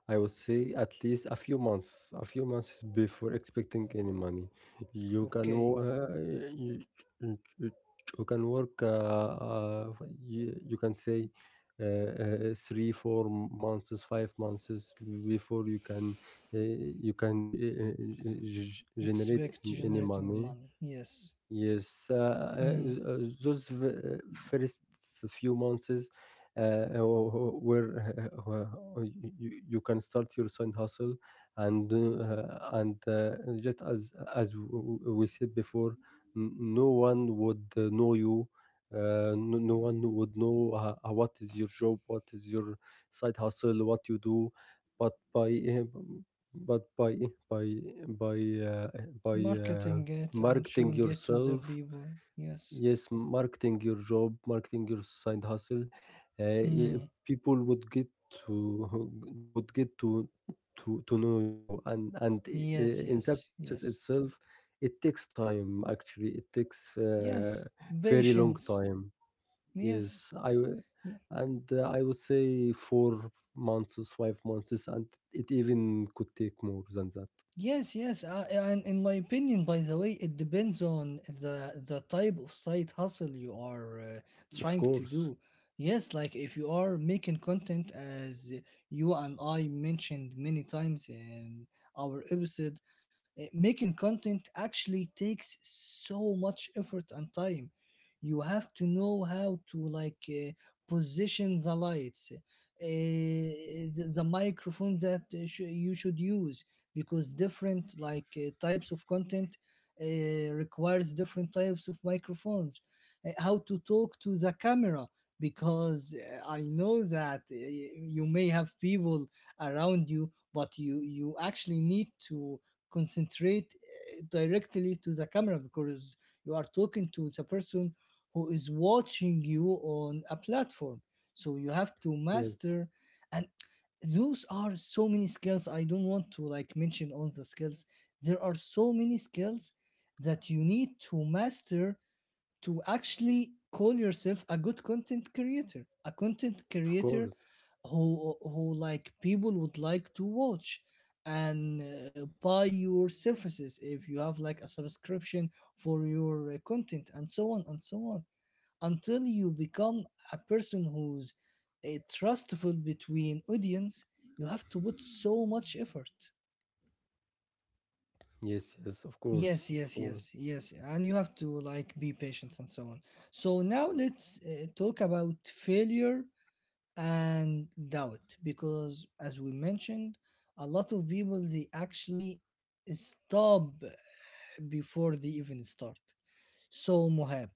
I would say at least a few months, a few months before expecting any money. You can Okay. wo- uh, you, you, you you can work. Uh, uh, you, you can say, uh, uh, three, four m- months, five months before you can, uh, you can g- uh, g- g- generate Expect any generating money. money, yes. Yes, uh, uh, Mm. uh, those v- uh, first few months, uh, where, uh, you, you can start your side hustle, and uh, and uh, just as as w- w- we said before, n- no one would, uh, know you. Uh, no, no one would know, uh, uh, what is your job, what is your side hustle, what you do, but by uh, b- but by eh, by by uh, by uh, Marketing it and marketing showing it to the yourself, people, yes. yes, marketing your job, marketing your side hustle. uh, y- Mm. People would get to, would get to to to know you, and and uh, Yes, in yes, that process yes. itself it takes time, actually it takes, Yes, uh, very long patience. time. Yes. Yes, I w- Yeah. and uh, I would say four months, five months, and it even could take more than that, Yes, yes, uh, and in my opinion, by the way, it depends on the the type of side hustle you are uh, of trying to course. do. Yes, like if you are making content, as you and I mentioned many times in our episode, eh, making content actually takes so much effort and time. You have to know how to like uh, position the lights, uh, the, the microphone that uh, sh- you should use, because different like uh, types of content uh, requires different types of microphones. Uh, how to talk to the camera, because uh, I know that uh, you may have people around you, but you you actually need to concentrate uh, directly to the camera, because you are talking to the person who is watching you on a platform. So you have to Yes, master, and those are so many skills. I don't want to like mention all the skills. There are so many skills that you need to master to actually call yourself a good content creator, a content of creator course. who who like people would like to watch and uh, buy your services if you have like a subscription for your uh, content, and so on and so on, until you become a person who's uh, trustful between audience. You have to put so much effort. Yes, yes, of Yes, course, yes, of yes, course. yes, and you have to like be patient and so on. So now let's uh, talk about failure and doubt, because as we mentioned, a lot of people they actually stop before they even start. So Mohab,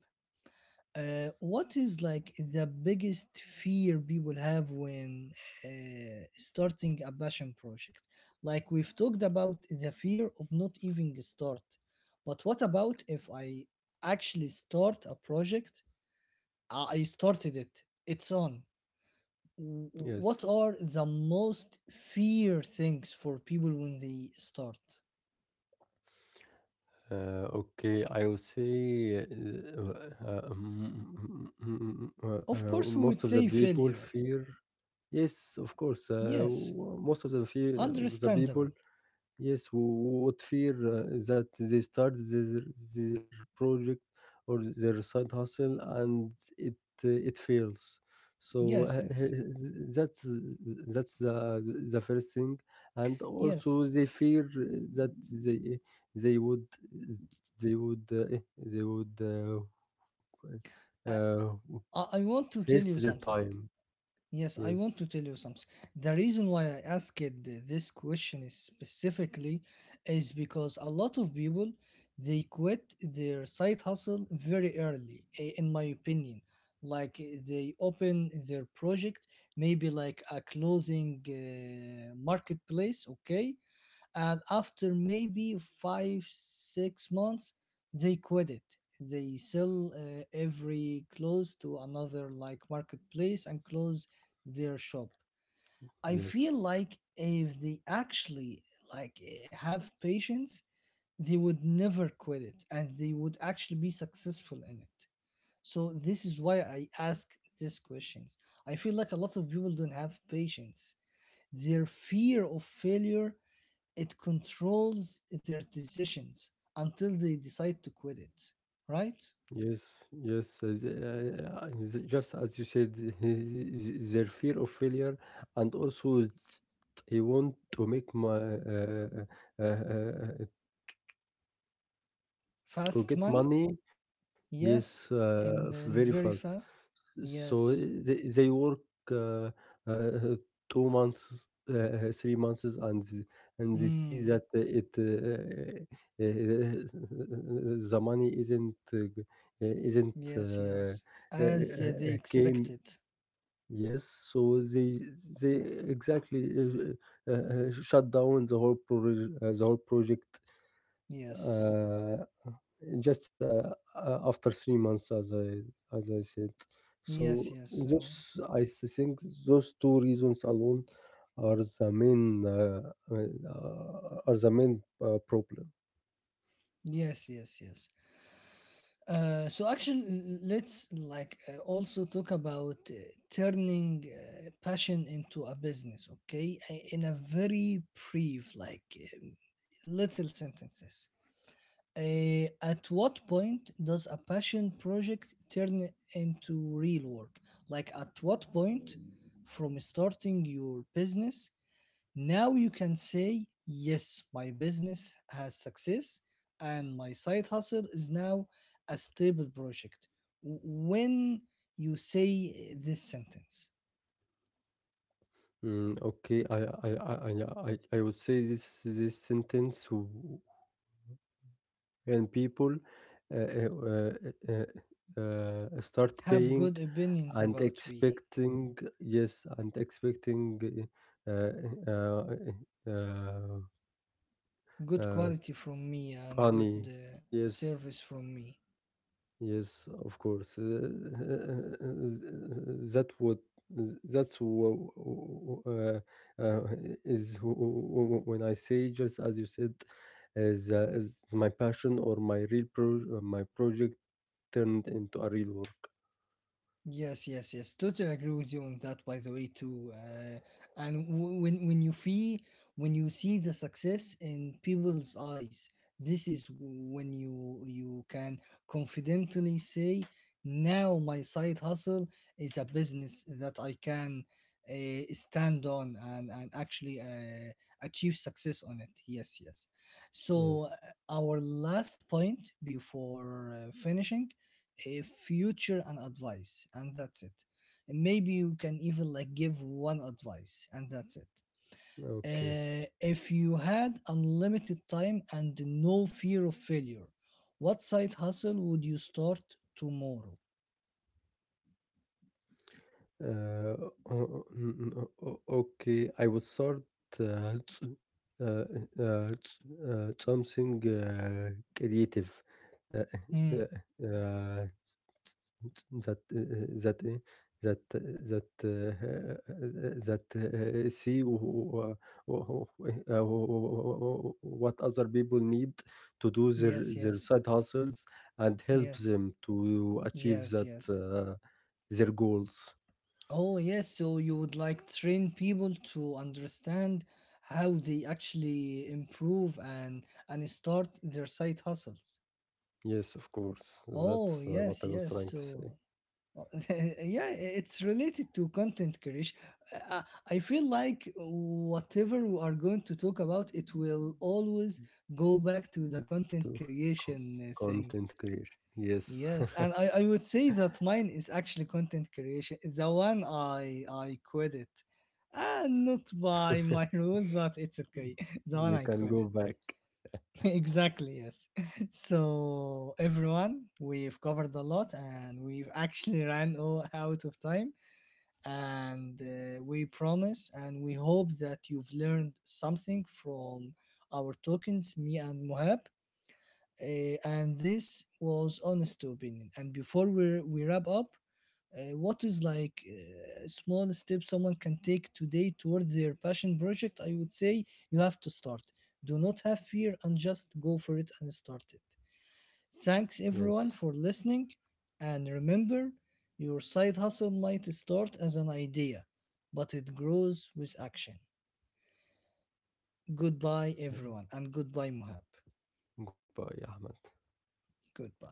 Uh, what is like the biggest fear people have when uh, starting a passion project? Like we've talked about the fear of not even start, but what about if I actually start a project? I I started it. It's on. W- Yes. What are the most fear things for people when they start? Uh, okay, I would say, uh, uh, uh, mm, mm, mm, mm, uh, Of uh, uh, course, we would most of the say people failure. fear. Yes, of course. Uh, Yes, w- Most of the fear of the understandable. people. Yes, wh- what fear, uh, that they start their, their project or their side hustle and it uh, it fails. So, Yes, uh, yes, that's that's the, the first thing, and yes. also they fear that they they would they would uh, they would uh, Uh, uh, I, I want to tell you waste their something. time. Yes, I want to Yes, tell you something. The reason why I asked th- this question is specifically is because a lot of people they quit their side hustle very early, i- in my opinion. Like they open their project, maybe like a clothing uh, marketplace, okay, and after maybe five six months they quit it. They sell uh, every clothes to another like marketplace and close their shop. I feel yes. like if they actually like eh, have patience, they would never quit it and they would actually be successful in it. So this is why I ask these questions. I feel like a lot of people don't have patience. Their fear of failure, it controls their decisions until they decide to quit it, right? Yes, yes, uh, th- uh, th- just as you said, their fear of failure, and also, th- they want to make my, uh, uh, uh, uh, to Fast get money? money, yes, Yes. uh, And, very and fast. very fast? So uh, Yes. they, they work, uh, uh, two months, uh, uh, three months, and th- and they see Mm, that, uh, it uh, uh, uh, the money isn't, uh, g- uh, isn't, yes, uh, yes. uh, As they uh, came. expected. Yes, so they they exactly, uh, uh, uh, shut down the whole pro- uh, the whole project. Yes. Uh, just uh, uh, after three months, as I, as I said. So Yes, yes. So, those I s- think those two reasons alone are the main, uh, uh, uh, are the main uh, problem. yes, yes, yes. Uh, so actually, let's like uh, also talk about uh, turning uh, passion into a business, okay? I- In a very brief, like um, little sentences. Uh, at what point does a passion project turn into real work? Like, at what point from starting your business now you can say, yes, my business has success and my side hustle is now a stable project. When you say this sentence, Mm, okay. I I, I I I I would say this, this sentence w- when people, uh, uh, uh, uh, uh, start have paying good opinions and about me, expecting, yes, and expecting, uh, uh, uh, good Uh, quality from me, and good Pani, uh, yes, service from me. yes, of course. Uh, that would that's, wh- uh, uh, is wh- wh- when I say, just as you said, is, uh, is my passion, or my real, pro uh, my project turned into a real work. Yes, yes, yes. Totally agree with you on that. By the way, too, uh, and w- when when you feel, when you see the success in people's eyes, this is when you you can confidently say, now my side hustle is a business that I can uh, stand on and and actually uh, achieve success on it. Yes, yes. So Yes. uh, our last point before uh, finishing, a future and advice, and that's it. Maybe you can even like give one advice and that's it. Okay. Uh, if you had unlimited time and no fear of failure, what side hustle would you start tomorrow? Uh, o- n- n- o- okay, I would start, uh, s- uh, uh, s- uh, something, uh, creative, uh, Hmm. uh, uh, s- s- s- that uh, that uh, that uh, that uh, uh, that uh, see, wh- wh- wh- uh, what other people need to do their Yes, their yes, side hustles, and help yes, them to achieve yes, that, yes. uh, their goals. Oh yes, so you would like train people to understand how they actually improve and and start their side hustles. Yes, of course. Oh, That's, uh, what I yes, was yes. trying to So say. Uh, yeah, it's related to content creation. Uh, I feel like whatever we are going to talk about, it will always go back to the Go to content co- creation uh, thing. content creation. Yes. Yes, and I, I would say that mine is actually content creation. The one I I quit it. Uh, not by my rules, but it's okay. The one You I can quit go it. back. Exactly, yes. So, everyone, we've covered a lot and we've actually ran o- out of time, and uh, we promise and we hope that you've learned something from our tokens, me and Mohab. Uh, and this was honest opinion. And before we we wrap up, uh, what is like uh, small step someone can take today towards their passion project? I would say you have to start. Do not have fear and just go for it and start it. Thanks everyone Yes. for listening, and remember, your side hustle might start as an idea, but it grows with action. Goodbye, Yes. everyone, and goodbye, Muhab. Goodbye, Ahmed. Goodbye.